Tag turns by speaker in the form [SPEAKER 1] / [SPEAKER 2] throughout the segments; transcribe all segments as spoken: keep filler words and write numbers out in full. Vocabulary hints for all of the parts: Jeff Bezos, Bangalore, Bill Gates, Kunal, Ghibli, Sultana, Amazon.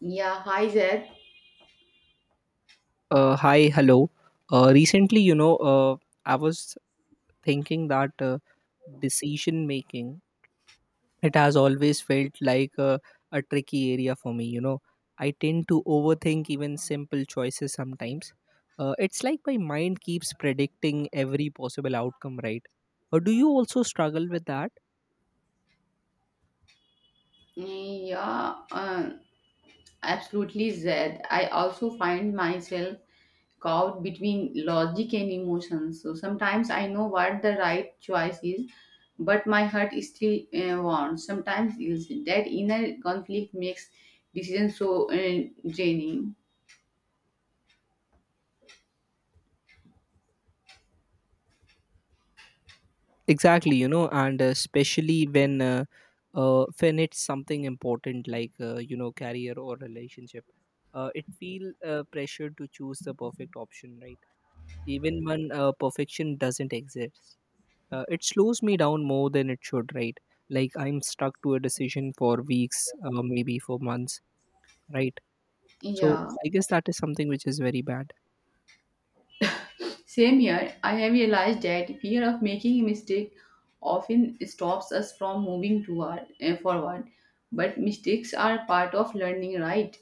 [SPEAKER 1] Yeah, hi Zed.
[SPEAKER 2] Uh, hi, hello. Uh, recently, you know, uh, I was thinking that uh, decision making, it has always felt like a, a tricky area for me. You know, I tend to overthink even simple choices sometimes. Uh, it's like my mind keeps predicting every possible outcome, right? Or do you also struggle with that?
[SPEAKER 1] Yeah, uh, Absolutely Zed. I also find myself caught between logic and emotions. So sometimes I know what the right choice is, but my heart is still uh, wants. Sometimes is that inner conflict makes decisions so uh, draining.
[SPEAKER 2] Exactly, you know, and uh, especially when uh, uh, when it's something important like uh, you know, career or relationship, uh, it feel uh, pressure to choose the perfect option, right? Even when uh, perfection doesn't exist, uh, it slows me down more than it should, right? Like I'm stuck to a decision for weeks, uh, maybe for months, right? So
[SPEAKER 1] Yeah.
[SPEAKER 2] I guess that is something which is very bad.
[SPEAKER 1] Same here, I have realized that fear of making a mistake often stops us from moving toward uh, forward. But mistakes are part of learning, right?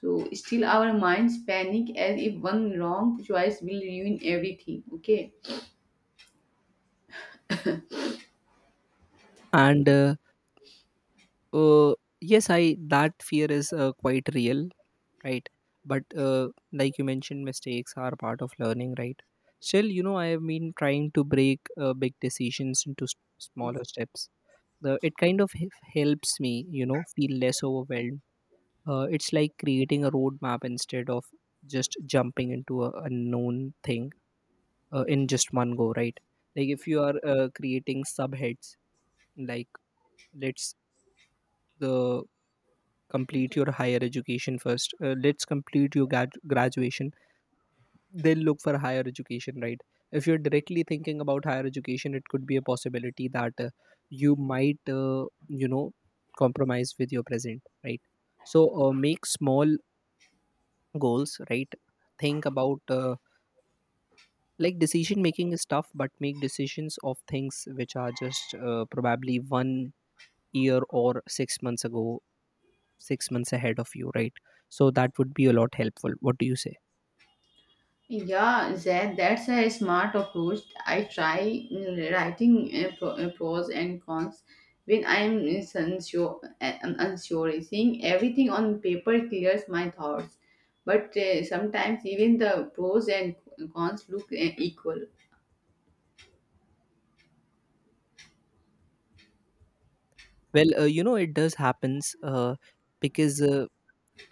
[SPEAKER 1] So still, our minds panic as if one wrong choice will ruin everything. Okay.
[SPEAKER 2] And uh, uh, yes, I that fear is uh, quite real, right? But uh, like you mentioned, mistakes are part of learning, right? Still, you know, I have been trying to break uh, big decisions into s- smaller steps. The, it kind of h- helps me, you know, feel less overwhelmed. Uh, it's like creating a roadmap instead of just jumping into a unknown thing, uh, in just one go, right? Like if you are uh, creating subheads, like, let's, the, complete your higher education first. Uh, let's complete your grad- graduation, then look for higher education, right? If you're directly thinking about higher education, it could be a possibility that uh, you might uh, you know, compromise with your present, right? So uh, make small goals, right? Think about uh, like, decision making is tough, but make decisions of things which are just uh, probably one year or six months ago, six months ahead of you, right? So that would be a lot helpful. What do you say?
[SPEAKER 1] Yeah, that, that's a smart approach. I try uh, writing uh, pro, uh, pros and cons when I'm unsure, uh, unsure. Seeing everything on paper clears my thoughts, but uh, sometimes even the pros and cons look uh, equal.
[SPEAKER 2] Well, uh, you know, it does happens, uh, because uh,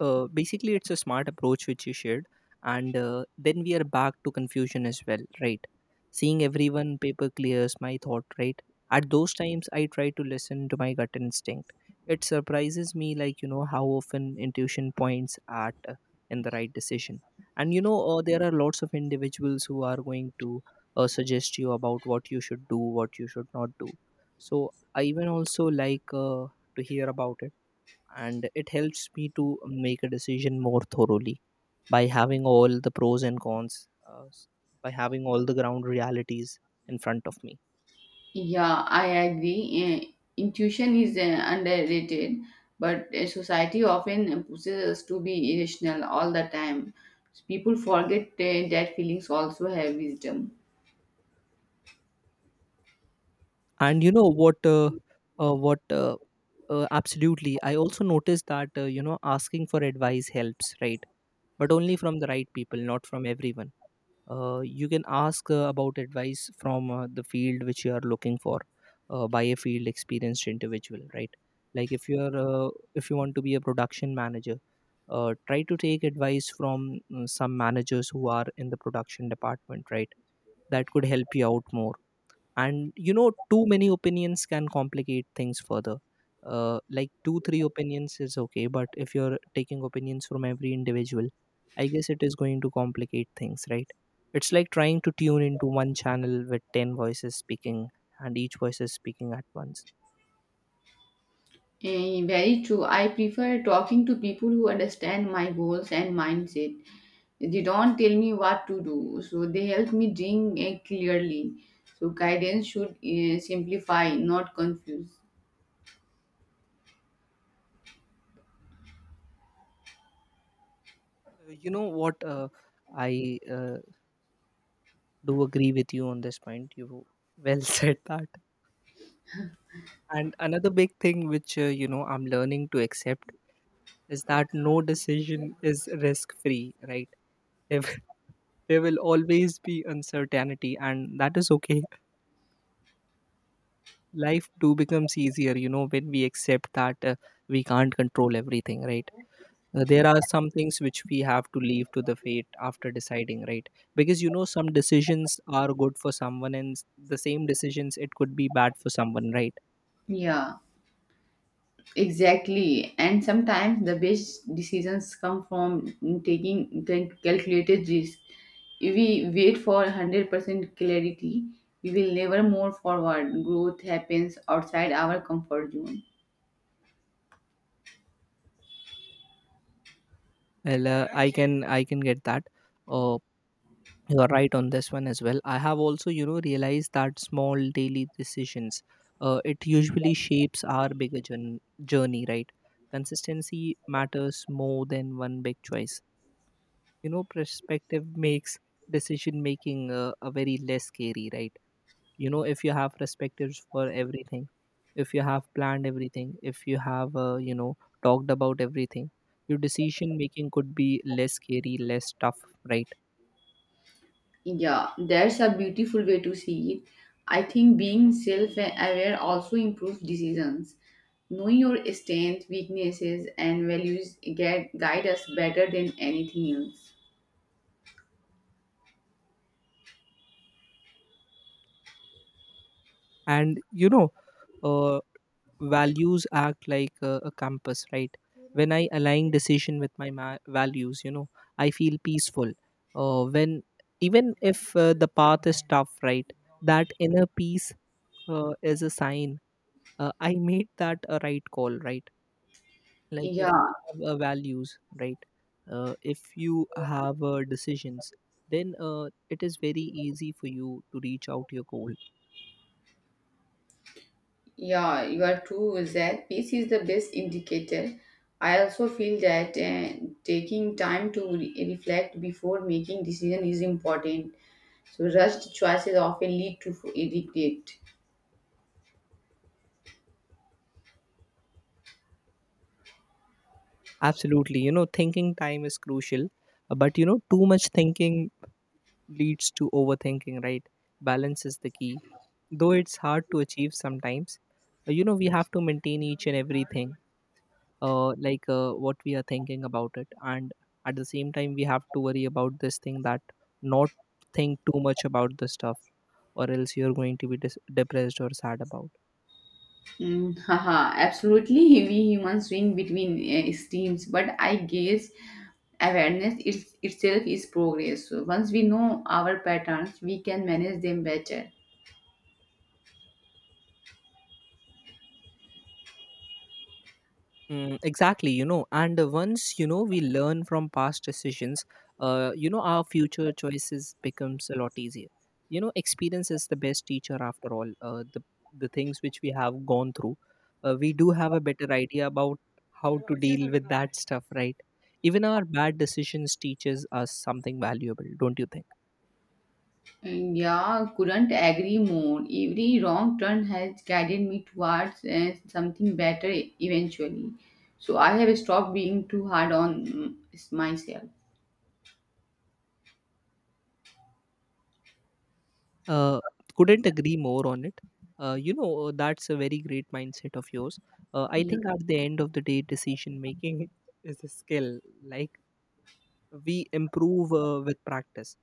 [SPEAKER 2] uh, basically it's a smart approach which you shared, and uh, then we are back to confusion as well, right? Seeing everyone paper clears my thought, right? At those times, I try to listen to my gut instinct. It surprises me, like, you know, how often intuition points at uh, in the right decision. And you know, uh, there are lots of individuals who are going to uh, suggest you about what you should do, what you should not do. So I even also like uh, to hear about it, and it helps me to make a decision more thoroughly by having all the pros and cons, uh, s- by having all the ground realities in front of me.
[SPEAKER 1] Yeah, I agree. Uh, intuition is uh, underrated, but uh, society often pushes us to be irrational all the time. People forget uh, that feelings also have wisdom.
[SPEAKER 2] And you know what uh, uh, what uh, uh, absolutely, I also noticed that uh, you know, asking for advice helps, right? But only from the right people, not from everyone. Uh, you can ask uh, about advice from uh, the field which you are looking for, uh, by a field experienced individual, right? Like if you are uh, if you want to be a production manager, uh, try to take advice from mm, some managers who are in the production department, right? That could help you out more. And you know, too many opinions can complicate things further. Uh, like two three opinions is okay, but if you're taking opinions from every individual, I guess it is going to complicate things, right? It's like trying to tune into one channel with ten voices speaking, and each voice is speaking at once.
[SPEAKER 1] Eh, very true. I prefer talking to people who understand my goals and mindset. They don't tell me what to do, so they help me dream eh, clearly. So guidance should eh, simplify, not confuse.
[SPEAKER 2] Uh, you know what uh, I uh, do agree with you on this point. You well said that. And another big thing which uh, you know, I'm learning to accept is that no decision is risk free, right? If there will always be uncertainty, and that is okay. Life do becomes easier, you know, when we accept that uh, we can't control everything, right? Uh, there are some things which we have to leave to the fate after deciding, right? Because you know, some decisions are good for someone, and s- the same decisions, it could be bad for someone, right?
[SPEAKER 1] Yeah, exactly. And sometimes the best decisions come from taking cal- calculated risk. If we wait for one hundred percent clarity, we will never move forward. Growth happens outside our comfort zone.
[SPEAKER 2] Well, uh, I can I can get that. Uh, you are right on this one as well. I have also, you know, realized that small daily decisions, uh, it usually shapes our bigger journ- journey, right? Consistency matters more than one big choice. You know, perspective makes decision making uh, a very less scary, right? You know, if you have perspectives for everything, if you have planned everything, if you have uh, you know, talked about everything, your decision making could be less scary, less tough, right?
[SPEAKER 1] Yeah, that's a beautiful way to see it. I think being self aware also improves decisions. Knowing your strengths, weaknesses, and values get, guide us better than anything else.
[SPEAKER 2] And you know, uh, values act like a, a compass, right? When I align decision with my ma- values, you know, I feel peaceful uh, when, even if uh, the path is tough, right? That inner peace uh, is a sign uh, I made that a right call, right? Like
[SPEAKER 1] Yeah,
[SPEAKER 2] if you have uh, values, right? Uh, if you have uh, decisions, then uh, it is very easy for you to reach out your goal.
[SPEAKER 1] yeah, you are true, Zach. Peace is the best indicator. I also feel that uh, taking time to re- reflect before making decision is important. So rushed choices often lead to regret.
[SPEAKER 2] Absolutely, you know, thinking time is crucial, uh, but you know, too much thinking leads to overthinking, right? Balance is the key, though it's hard to achieve sometimes. Uh, You know, we have to maintain each and everything, uh, like uh, what we are thinking about it, and at the same time, we have to worry about this thing, that not think too much about the stuff, or else you're going to be dis- depressed or sad about.
[SPEAKER 1] Mm, haha, absolutely. We humans swing between uh, extremes, but I guess awareness is, itself is progress. So once we know our patterns, we can manage them better.
[SPEAKER 2] Mm, exactly, you know, and uh, once, you know, we learn from past decisions, uh, you know, our future choices becomes a lot easier. You know, experience is the best teacher after all. Uh, the the things which we have gone through, uh, we do have a better idea about how to deal with that stuff, right? Even our bad decisions teaches us something valuable, don't you think?
[SPEAKER 1] And yeah, couldn't agree more. Every wrong turn has guided me towards uh, something better eventually. So I have stopped being too hard on mm, myself.
[SPEAKER 2] Uh, couldn't agree more on it. Uh, you know, uh, that's a very great mindset of yours. Uh, I
[SPEAKER 1] Yeah.
[SPEAKER 2] think at the end of the day, decision making is a skill. Like we improve uh, with practice,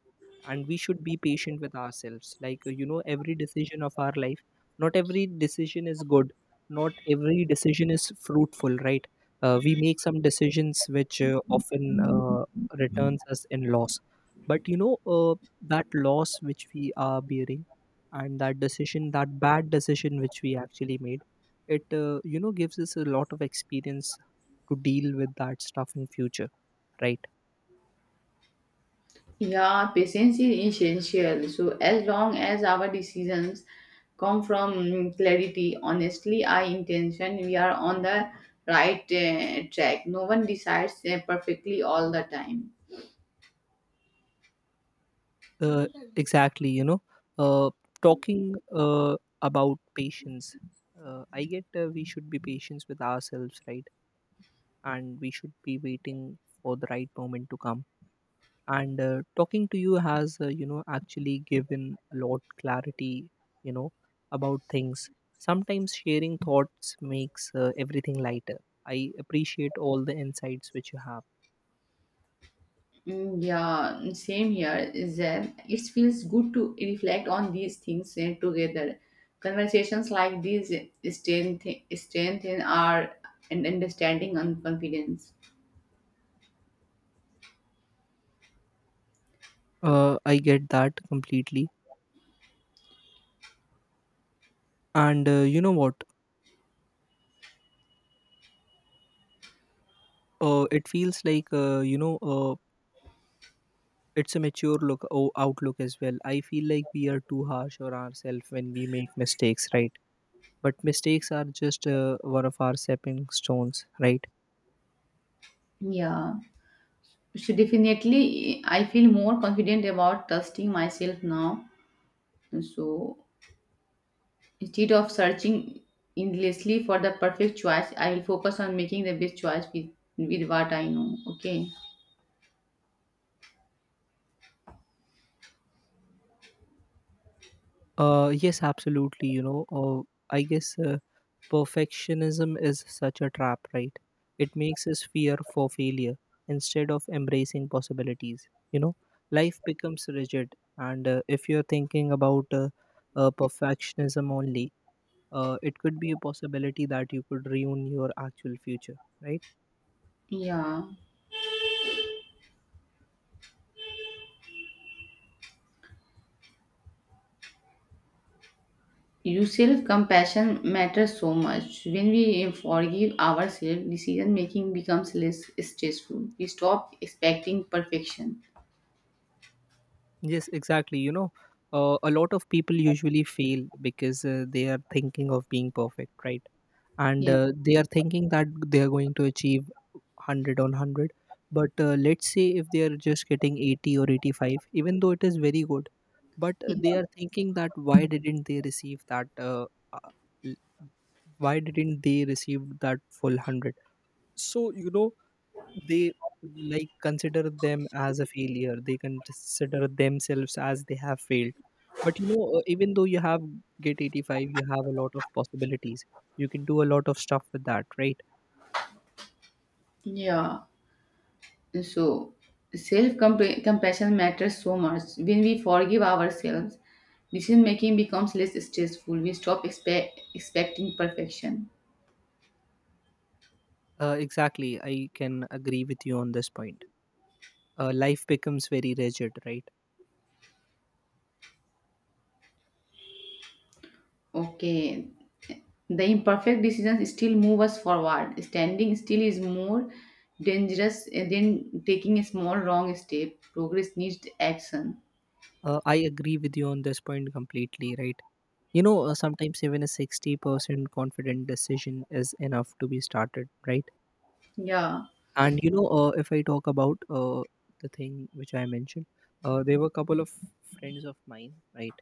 [SPEAKER 2] and we should be patient with ourselves. Like uh, you know, every decision of our life, not every decision is good, not every decision is fruitful, right? Uh, we make some decisions which uh, often uh, returns us in loss. But you know, uh, that loss which we are bearing, and that decision, that bad decision which we actually made, it uh, you know, gives us a lot of experience to deal with that stuff in future, right?
[SPEAKER 1] Yeah, patience is essential. So, as long as our decisions come from mm, clarity, honestly, our intention, we are on the right uh, track. No one decides uh, perfectly all the time.
[SPEAKER 2] uh, exactly, you know, uh, talking uh, about patience, uh, I get uh, we should be patient with ourselves, right? And we should be waiting for the right moment to come. And uh, talking to you has uh, you know, actually given a lot clarity, you know, about things. Sometimes sharing thoughts makes uh, everything lighter. I appreciate all the insights which you have.
[SPEAKER 1] Mm, Yeah, mm, same here. Is that it feels good to reflect on these things uh, together. Conversations like these strengthen strengthen our un- understanding and confidence.
[SPEAKER 2] uh, I get that completely. And uh, you know what uh, It feels like, uh, you know uh, it's a mature look o- outlook as well. I feel like we are too harsh on ourselves when we make mistakes, right? But mistakes are just uh, one of our stepping stones, right?
[SPEAKER 1] Yeah. So definitely, I feel more confident about trusting myself now. So instead of searching endlessly for the perfect choice, I will focus on making the best choice with, with what I know. Okay.
[SPEAKER 2] Uh, yes, absolutely, you know, uh, i guess uh, perfectionism is such a trap, right? It makes us fear for failure instead of embracing possibilities. You know, life becomes rigid. And uh, if you're thinking about uh, uh, perfectionism only, uh, it could be a possibility that you could ruin your actual future, right?
[SPEAKER 1] Yeah. You self compassion matters so much. When we forgive ourselves, decision making becomes less stressful. We stop expecting perfection.
[SPEAKER 2] Yes, exactly, you know, uh, a lot of people usually fail because uh, they are thinking of being perfect, right? And
[SPEAKER 1] Yeah.
[SPEAKER 2] uh, they are thinking that they are going to achieve one hundred on one hundred. But uh, let's say if they are just getting eighty or eighty-five, even though it is very good, but uh, they
[SPEAKER 1] Yeah.
[SPEAKER 2] are thinking that why didn't they receive that uh, uh, l- why didn't they receive that full one hundred? So you know, they like consider them as a failure. They consider themselves as they have failed. But you know, uh, even though you have get eighty-five, you have a lot of possibilities. You can do a lot of stuff with that, right?
[SPEAKER 1] Yeah. So, self compassion matters so much. When we forgive ourselves, decision making becomes less stressful. We stop expe- expecting perfection.
[SPEAKER 2] Uh, exactly. I can agree with you on this point. Uh, life becomes very rigid, right?
[SPEAKER 1] Okay, the imperfect decisions still move us forward. Standing still is more dangerous than taking a small wrong step. Progress needs action.
[SPEAKER 2] Uh, I agree with you on this point completely, right? You know, uh, sometimes even a sixty percent confident decision is enough to be started, right?
[SPEAKER 1] Yeah,
[SPEAKER 2] And you know, uh, if I talk about uh, the thing which I mentioned, uh, there were a couple of friends of mine, right?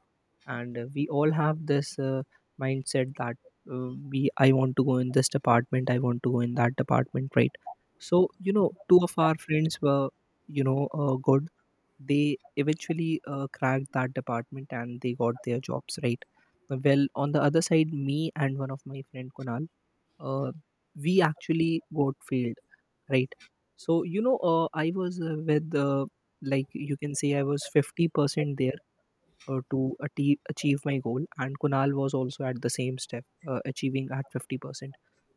[SPEAKER 2] And uh, we all have this uh, mindset that uh, we, I want to go in this department, I want to go in that department, right? So you know, two of our friends were, you know, uh, good. They eventually uh, cracked that department and they got their jobs, right? Well, on the other side, me and one of my friend Kunal, uh, we actually got failed, right? So you know uh, I was uh, with uh, like you can say I was fifty percent there, uh, to achieve, achieve my goal, and Kunal was also at the same step, uh, achieving at fifty percent.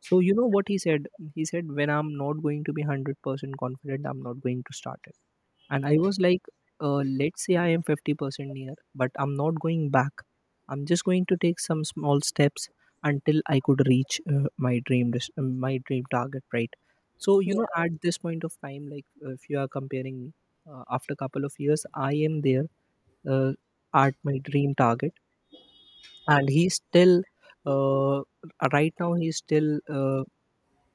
[SPEAKER 2] So you know what he said, he said when I'm not going to be one hundred percent confident, I'm not going to start it. And I was like, uh, let's say I am fifty percent near, but I'm not going back. I'm just going to take some small steps until I could reach uh, my dream dis- uh, my dream target, right? So you know, at this point of time, like uh, if you are comparing me, uh, after a couple of years, I am there, uh, at my dream target. And he's still uh, right now, he's still, uh,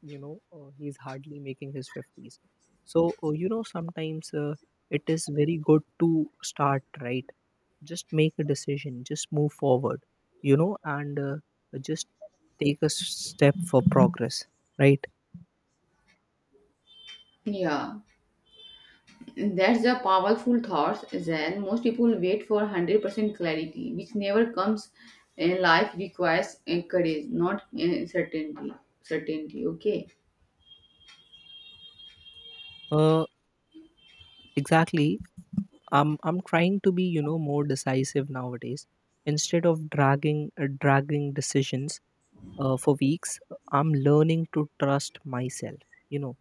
[SPEAKER 2] you know uh, he's hardly making his fifties. So uh, you know, sometimes uh, it is very good to start, right? Just make a decision, just move forward. You know, and uh, just take a s- step for progress, right?
[SPEAKER 1] yeah. That's a powerful thought, Zen. Most people wait for one hundred percent clarity, which never comes. And life requires uh, courage, not uh, certainty. Certainty, okay?
[SPEAKER 2] uh, exactly. I'm i'm trying to be, you know, more decisive nowadays, instead of dragging uh, dragging decisions uh, for weeks. I'm learning to trust myself, you know.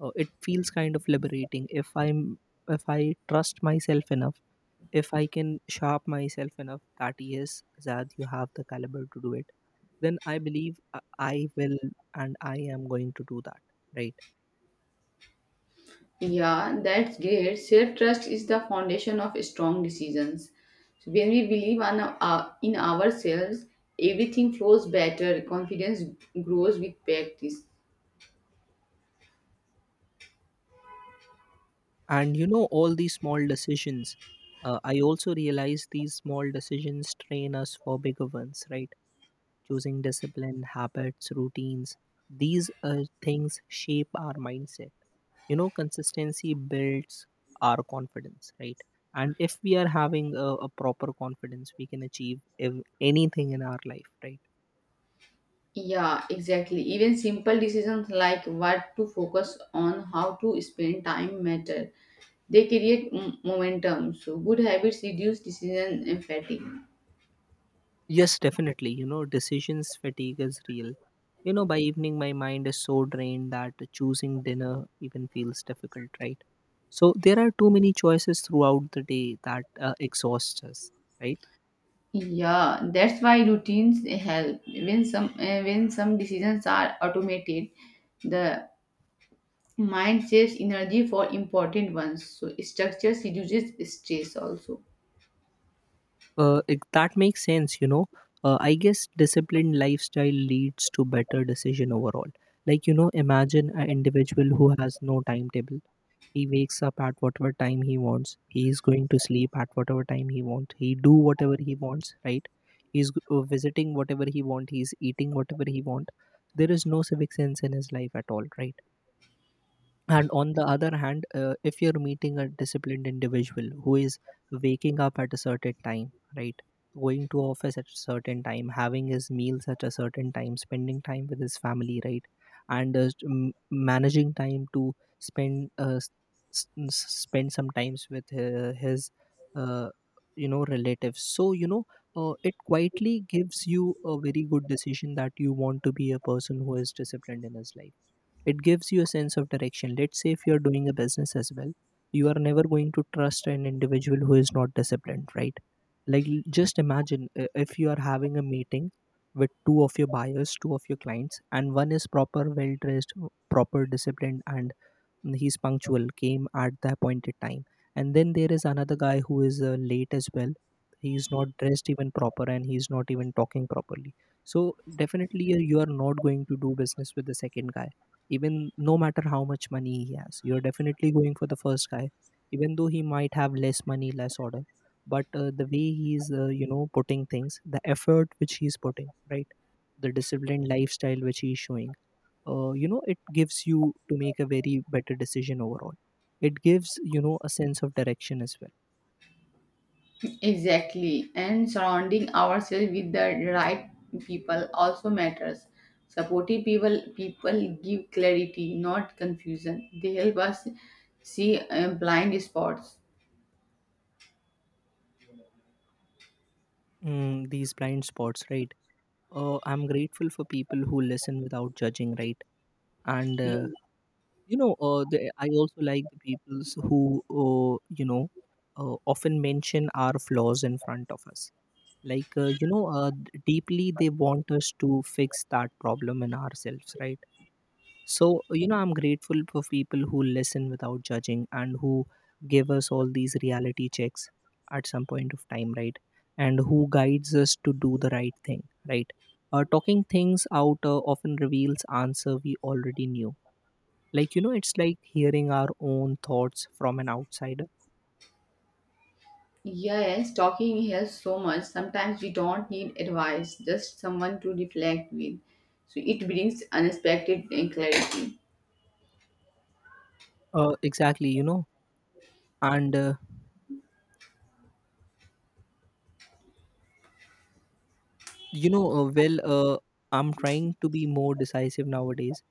[SPEAKER 2] uh, It feels kind of liberating if I'm, if I trust myself enough, if I can sharp myself enough, that yes, Zad, you have the caliber to do it. Then I believe i I will, and I am going to do that, right?
[SPEAKER 1] Yeah, that's great. Self trust is the foundation of strong decisions. So when we believe on our, in ourselves, everything flows better. Confidence grows with practice.
[SPEAKER 2] And you know, all these small decisions, uh, I also realize these small decisions train us for bigger ones, right? Choosing discipline, habits, routines. These uh, things shape our mindset. You know, consistency builds our confidence, right? And if we are having a, a proper confidence, we can achieve ev- anything in our life, right?
[SPEAKER 1] Yeah, exactly. Even simple decisions like what to focus on, how to spend time matter. They create m- momentum. So, good habits reduce decision fatigue.
[SPEAKER 2] Yes, definitely. You know, decisions fatigue is real. You know, by evening, my mind is so drained that choosing dinner even feels difficult, right? So there are too many choices throughout the day that uh, exhaust us, right?
[SPEAKER 1] Yeah, that's why routines help. When some uh, when some decisions are automated, the mind saves energy for important ones. So, structure reduces stress also.
[SPEAKER 2] Uh, it, that makes sense, you know. Uh, I guess disciplined lifestyle leads to better decision overall. Like, you know, imagine an individual who has no timetable. He wakes up at whatever time he wants. He is going to sleep at whatever time he wants. He do whatever he wants, right? He's g- uh, visiting whatever he want. He's eating whatever he want. There is no civic sense in his life at all, right? And on the other hand, uh, if you're meeting a disciplined individual who is waking up at a certain time, right, going to office at a certain time, having his meals at a certain time, spending time with his family, right, and uh, m- managing time to spend uh, s- s- s- spend some times with uh, his, uh, you know, relatives. So you know, uh, it quietly gives you a very good decision that you want to be a person who is disciplined in his life. It gives you a sense of direction. Let's say if you're doing a business as well, you are never going to trust an individual who is not disciplined, right? Like, l- just imagine uh, if you are having a meeting with two of your buyers, two of your clients, and one is proper, well dressed, proper, disciplined, and he's punctual, came at the appointed time. And then there is another guy who is uh, late as well. He's not dressed even proper, and he's not even talking properly. So definitely, you you are not going to do business with the second guy. Even, no matter how much money he has, you're definitely going for the first guy. Even though he might have less money, less order, but uh, the way he's, uh, you know, putting things, the effort which he's putting, right, the disciplined lifestyle which he's showing, uh, you know, it gives you to make a very better decision overall. It gives, you know, a sense of direction as well.
[SPEAKER 1] Exactly, and surrounding ourselves with the right people also matters. Supportive people people give clarity, not confusion. They help us see uh, blind spots.
[SPEAKER 2] Mm, these blind spots, right? uh, I'm grateful for people who listen without judging, right? And
[SPEAKER 1] Yeah.
[SPEAKER 2] uh, you know uh, the, I also like the peoples who, uh, you know uh, often mention our flaws in front of us. Like, uh, you know uh, d- deeply, they want us to fix that problem in ourselves, right? So, you know, I'm grateful for people who listen without judging and who give us all these reality checks at some point of time, right? And who guides us to do the right thing, right? Uh, talking things out uh, often reveals answer we already knew. Like, you know, it's like hearing our own thoughts from an outsider.
[SPEAKER 1] Yes, talking helps so much. Sometimes we don't need advice, just someone to reflect with. So it brings unexpected uh, clarity.
[SPEAKER 2] Uh, exactly, you know, and, uh, you know, uh, well, uh, I'm trying to be more decisive nowadays,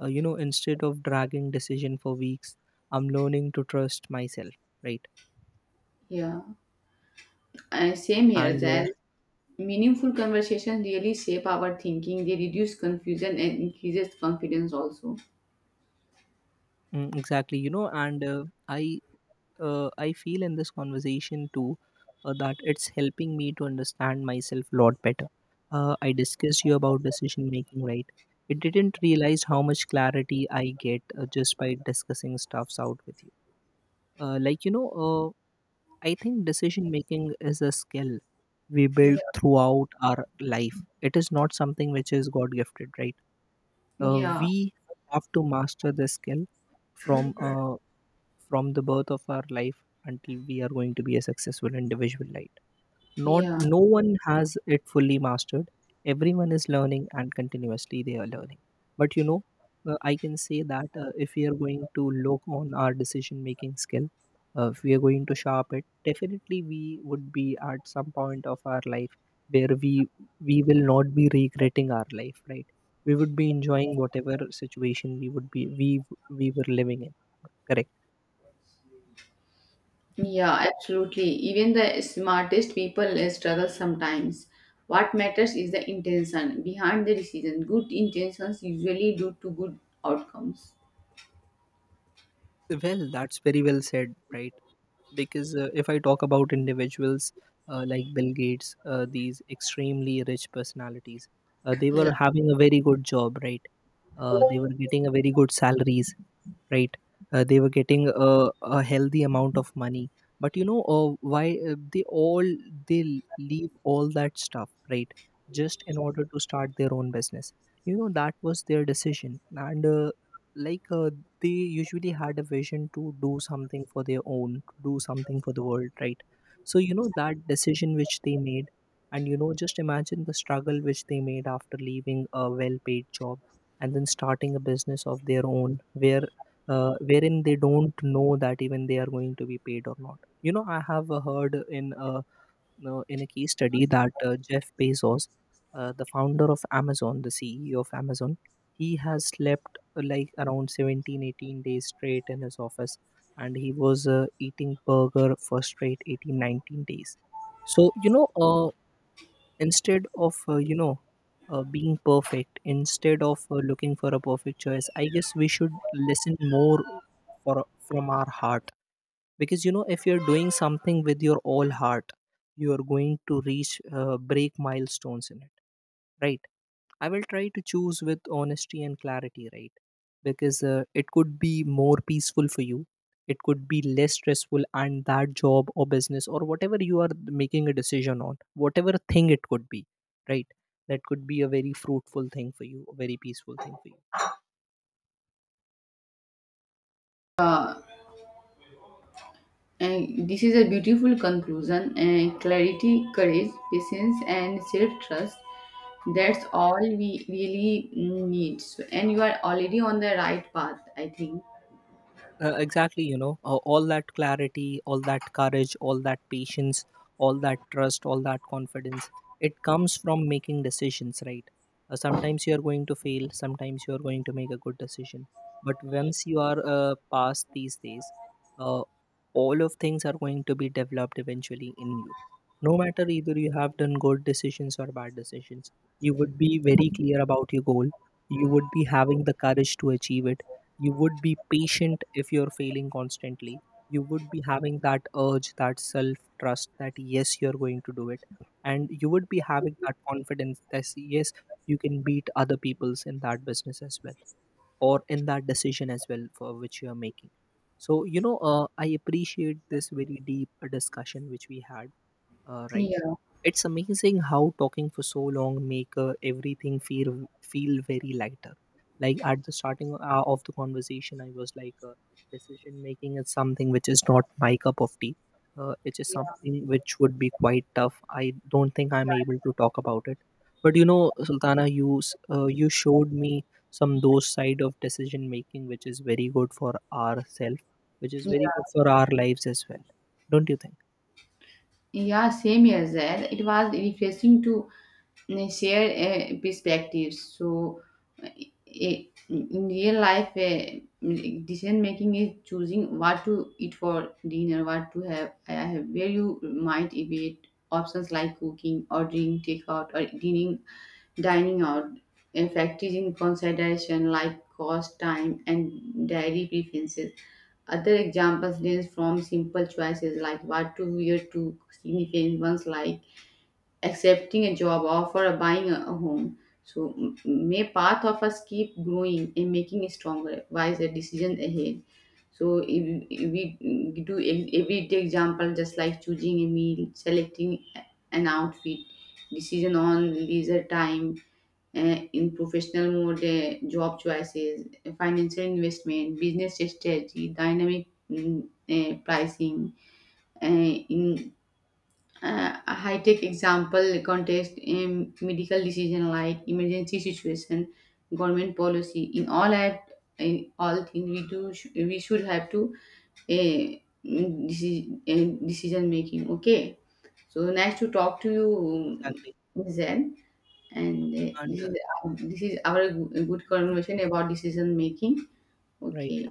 [SPEAKER 2] uh, you know, instead of dragging decision for weeks. I'm learning to trust myself, right?
[SPEAKER 1] Yeah, and same here.
[SPEAKER 2] and uh,
[SPEAKER 1] That
[SPEAKER 2] Yes.
[SPEAKER 1] meaningful conversation really shape our thinking. They reduce confusion and increases confidence also.
[SPEAKER 2] Mm, exactly, you know, and uh, I uh, I feel in this conversation too, uh, that it's helping me to understand myself a lot better. uh, I discussed you about decision making, right? It didn't realize how much clarity I get, uh, just by discussing stuffs out with you. Uh, like you know uh, I think decision making is a skill we
[SPEAKER 1] Yeah,
[SPEAKER 2] build throughout our life. It is not something which is God gifted, right? Uh,
[SPEAKER 1] yeah,
[SPEAKER 2] we have to master this skill from uh, from the birth of our life until we are going to be a successful individual, like, not
[SPEAKER 1] yeah,
[SPEAKER 2] no one has it fully mastered. Everyone is learning, and continuously they are learning. But you know, uh, I can say that uh, if we are going to look on our decision making skill, uh, if we are going to sharp it, definitely we would be at some point of our life where we we will not be regretting our life, right? We would be enjoying whatever situation we would be, we we were living in, correct?
[SPEAKER 1] yeah, absolutely. Even the smartest people uh, struggle sometimes. What matters is the intention behind the decision. Good intentions usually lead to good outcomes.
[SPEAKER 2] Well, that's very well said, right? Because uh, if I talk about individuals uh, like Bill Gates, uh, these extremely rich personalities, uh, they
[SPEAKER 1] Yeah.
[SPEAKER 2] were having a very good job, right? Uh, they were getting a very good salaries, right? Uh, they were getting a, a healthy amount of money. But you know, uh, why uh, they all, they l- leave all that stuff, right? Just in order to start their own business. You know, that was their decision. And uh, like uh, They usually had a vision to do something for their own, to do something for the world, right? So you know, that decision which they made, and you know, just imagine the struggle which they made after leaving a well paid job and then starting a business of their own, where uh, wherein they don't know that even they are going to be paid or not. You know, I have uh, heard in uh, uh, in a case study that uh, Jeff Bezos, uh, the founder of Amazon, the C E O of Amazon, he has slept uh, like around seventeen, eighteen days straight in his office, and he was uh, eating burger for straight eighteen, nineteen days. So, you know, uh, instead of, uh, you know, uh, being perfect, instead of uh, looking for a perfect choice, I guess we should listen more for, from our heart. Because you know, if you're doing something with your all heart, you are going to reach, uh, break milestones in it, right? I will try to choose with honesty and clarity, right? Because uh, it could be more peaceful for you, it could be less stressful. And that job or business or whatever you are making a decision on, whatever thing it could be, right, that could be a very fruitful thing for you, a very peaceful thing for you.
[SPEAKER 1] Uh, And this is a beautiful conclusion and clarity, courage, patience, and self trust. That's all we really need. So, and you are already on the right path, I think.
[SPEAKER 2] Uh, exactly, you know, uh, all that clarity, all that courage, all that patience, all that trust, all that confidence, it comes from making decisions, right? Uh, sometimes you are going to fail, sometimes you are going to make a good decision. But once you are uh, past these days, uh, all of things are going to be developed eventually in you. No matter either you have done good decisions or bad decisions, you would be very clear about your goal. You would be having the courage to achieve it. You would be patient if you're failing constantly. You would be having that urge, that self trust, that yes, you're going to do it. And you would be having that confidence that yes, you can beat other people's in that business as well, or in that decision as well, for which you are making. So you know, uh, I appreciate this very deep discussion which we had, uh, right?
[SPEAKER 1] Yeah,
[SPEAKER 2] It's amazing how talking for so long make uh, everything feel feel very lighter. Like at the starting uh, of the conversation, I was like, uh, decision making is something which is not my cup of tea. Uh, it is something which would be quite tough. I don't think I'm able to talk about it. But you know, Sultana, you s- uh, you showed me some those side of decision making which is very good for ourselves, which is very
[SPEAKER 1] yeah,
[SPEAKER 2] good for our lives as well. Don't you think?
[SPEAKER 1] Yeah, same as that. It was refreshing to uh, share uh, perspectives. So, uh, i- in real life, uh, decision making is choosing what to eat for dinner, what to have, I have where you might eat. Options like cooking, ordering takeout, or dining, dining out. uh, Factors in consideration like cost, time, and dietary preferences. Other examples range from simple choices like what to wear to significant ones like accepting a job offer or buying a a home. So m- may path of us keep growing and making it stronger, wiser decisions ahead. So if, if we mm, do ev- every day example, just like choosing a meal, selecting an outfit, decision on leisure time, uh, in professional mode, uh, job choices, financial investment, business strategy, dynamic mm, uh, pricing. Uh, in uh, A high tech example context, um, medical decision like emergency situation, government policy. In all that, in all things we do, sh- we should have to uh, decision, decision making. Okay. So nice to talk to you,
[SPEAKER 2] Exactly.
[SPEAKER 1] Zen. And uh,
[SPEAKER 2] And
[SPEAKER 1] this
[SPEAKER 2] uh,
[SPEAKER 1] is this is our good good conversation about decision making.
[SPEAKER 2] right.
[SPEAKER 1] Okay,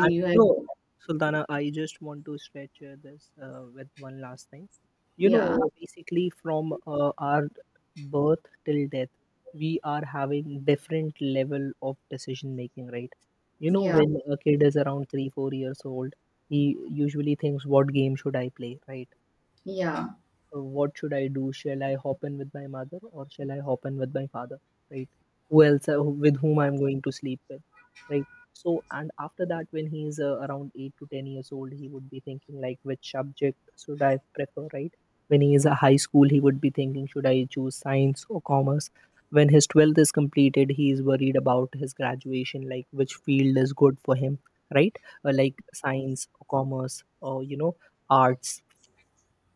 [SPEAKER 2] And
[SPEAKER 1] you
[SPEAKER 2] you
[SPEAKER 1] have
[SPEAKER 2] know, Sultana, I just want to stretch uh, this uh, with one last thing. You
[SPEAKER 1] yeah
[SPEAKER 2] know, basically, from uh, our birth till death, we are having different level of decision making, right? You know,
[SPEAKER 1] yeah
[SPEAKER 2] when a kid is around three, four years old, he usually thinks, "What game should I play?" Right?
[SPEAKER 1] yeah
[SPEAKER 2] Uh, what should I do? Shall I hop in with my mother or shall I hop in with my father? Right? Who else uh, who- with whom I'm going to sleep with? Right? So, and after that, when he is uh, around eight to ten years old, he would be thinking like, which subject should I prefer? Right? When he is a high school, he would be thinking, should I choose science or commerce? When his twelfth is completed, he is worried about his graduation, like which field is good for him, right? Uh, like science or commerce or you know arts,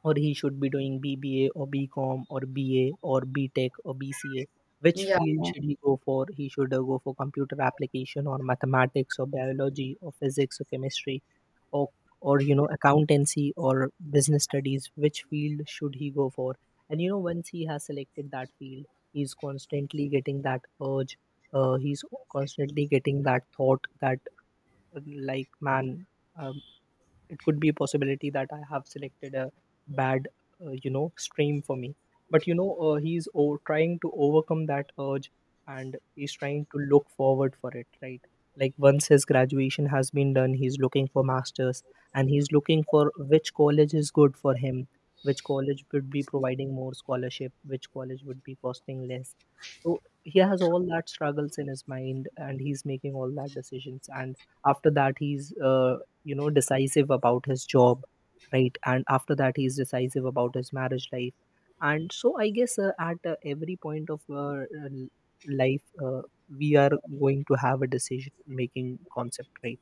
[SPEAKER 2] or he should be doing B B A or B com or B A or B Tech or B C A. Which
[SPEAKER 1] yeah.
[SPEAKER 2] field should he go for? He should uh, go for computer application or mathematics or biology or physics or chemistry or or you know accountancy or business studies. Which field should he go for? And you know, once he has selected that field, he's constantly getting that urge. Uh, he's constantly getting that thought that uh, like man, uh, it could be a possibility that I have selected a bad uh, you know stream for me. But you know uh, he's o- trying to overcome that urge, and he's trying to look forward for it, right? Like, once his graduation has been done, he's looking for masters, and he's looking for which college is good for him, which college would be providing more scholarship, which college would be costing less. So he has all that struggles in his mind, and he's making all that decisions. And after that, he's uh, you know decisive about his job, right? And after that, he's decisive about his marriage life. And so I guess uh, at uh, every point of our uh, l- life, uh, we are going to have a decision making concept, right?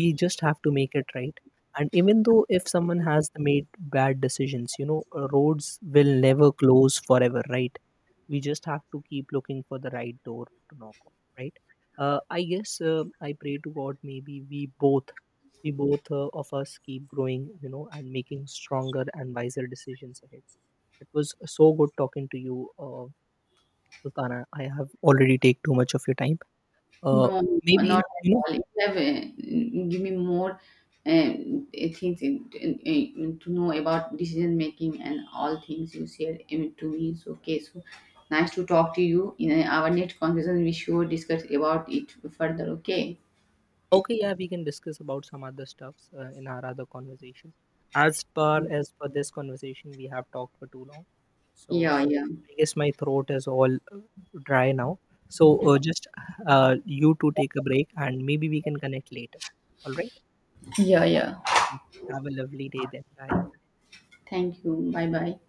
[SPEAKER 2] We just have to make it right. And even though if someone has made bad decisions, you know uh, roads will never close forever, right? We just have to keep looking for the right door to knock on, right? uh, I guess uh, I pray to God, maybe we both we both uh, of us keep growing, you know, and making stronger and wiser decisions ahead. It was so good talking to you, uh, Sultana. I have already take too much of your time. uh,
[SPEAKER 1] No, no,
[SPEAKER 2] Maybe,
[SPEAKER 1] not at
[SPEAKER 2] you know,
[SPEAKER 1] all. You have uh, give me more uh, things in, in, in- to know about decision making and all things you shared um, to me. So okay, so nice to talk to you. In uh, our next conversation, we should discuss about it further. Okay.
[SPEAKER 2] okay, yeah, we can discuss about some other stuffs uh, in our other conversation. As far as for this conversation, we have talked for too long. So
[SPEAKER 1] Yeah, yeah,
[SPEAKER 2] I guess my throat is all dry now. So uh, just uh, you two take a break and maybe we can connect later. All right.
[SPEAKER 1] yeah, yeah.
[SPEAKER 2] Have a lovely day then. Bye.
[SPEAKER 1] Thank you. Bye, bye.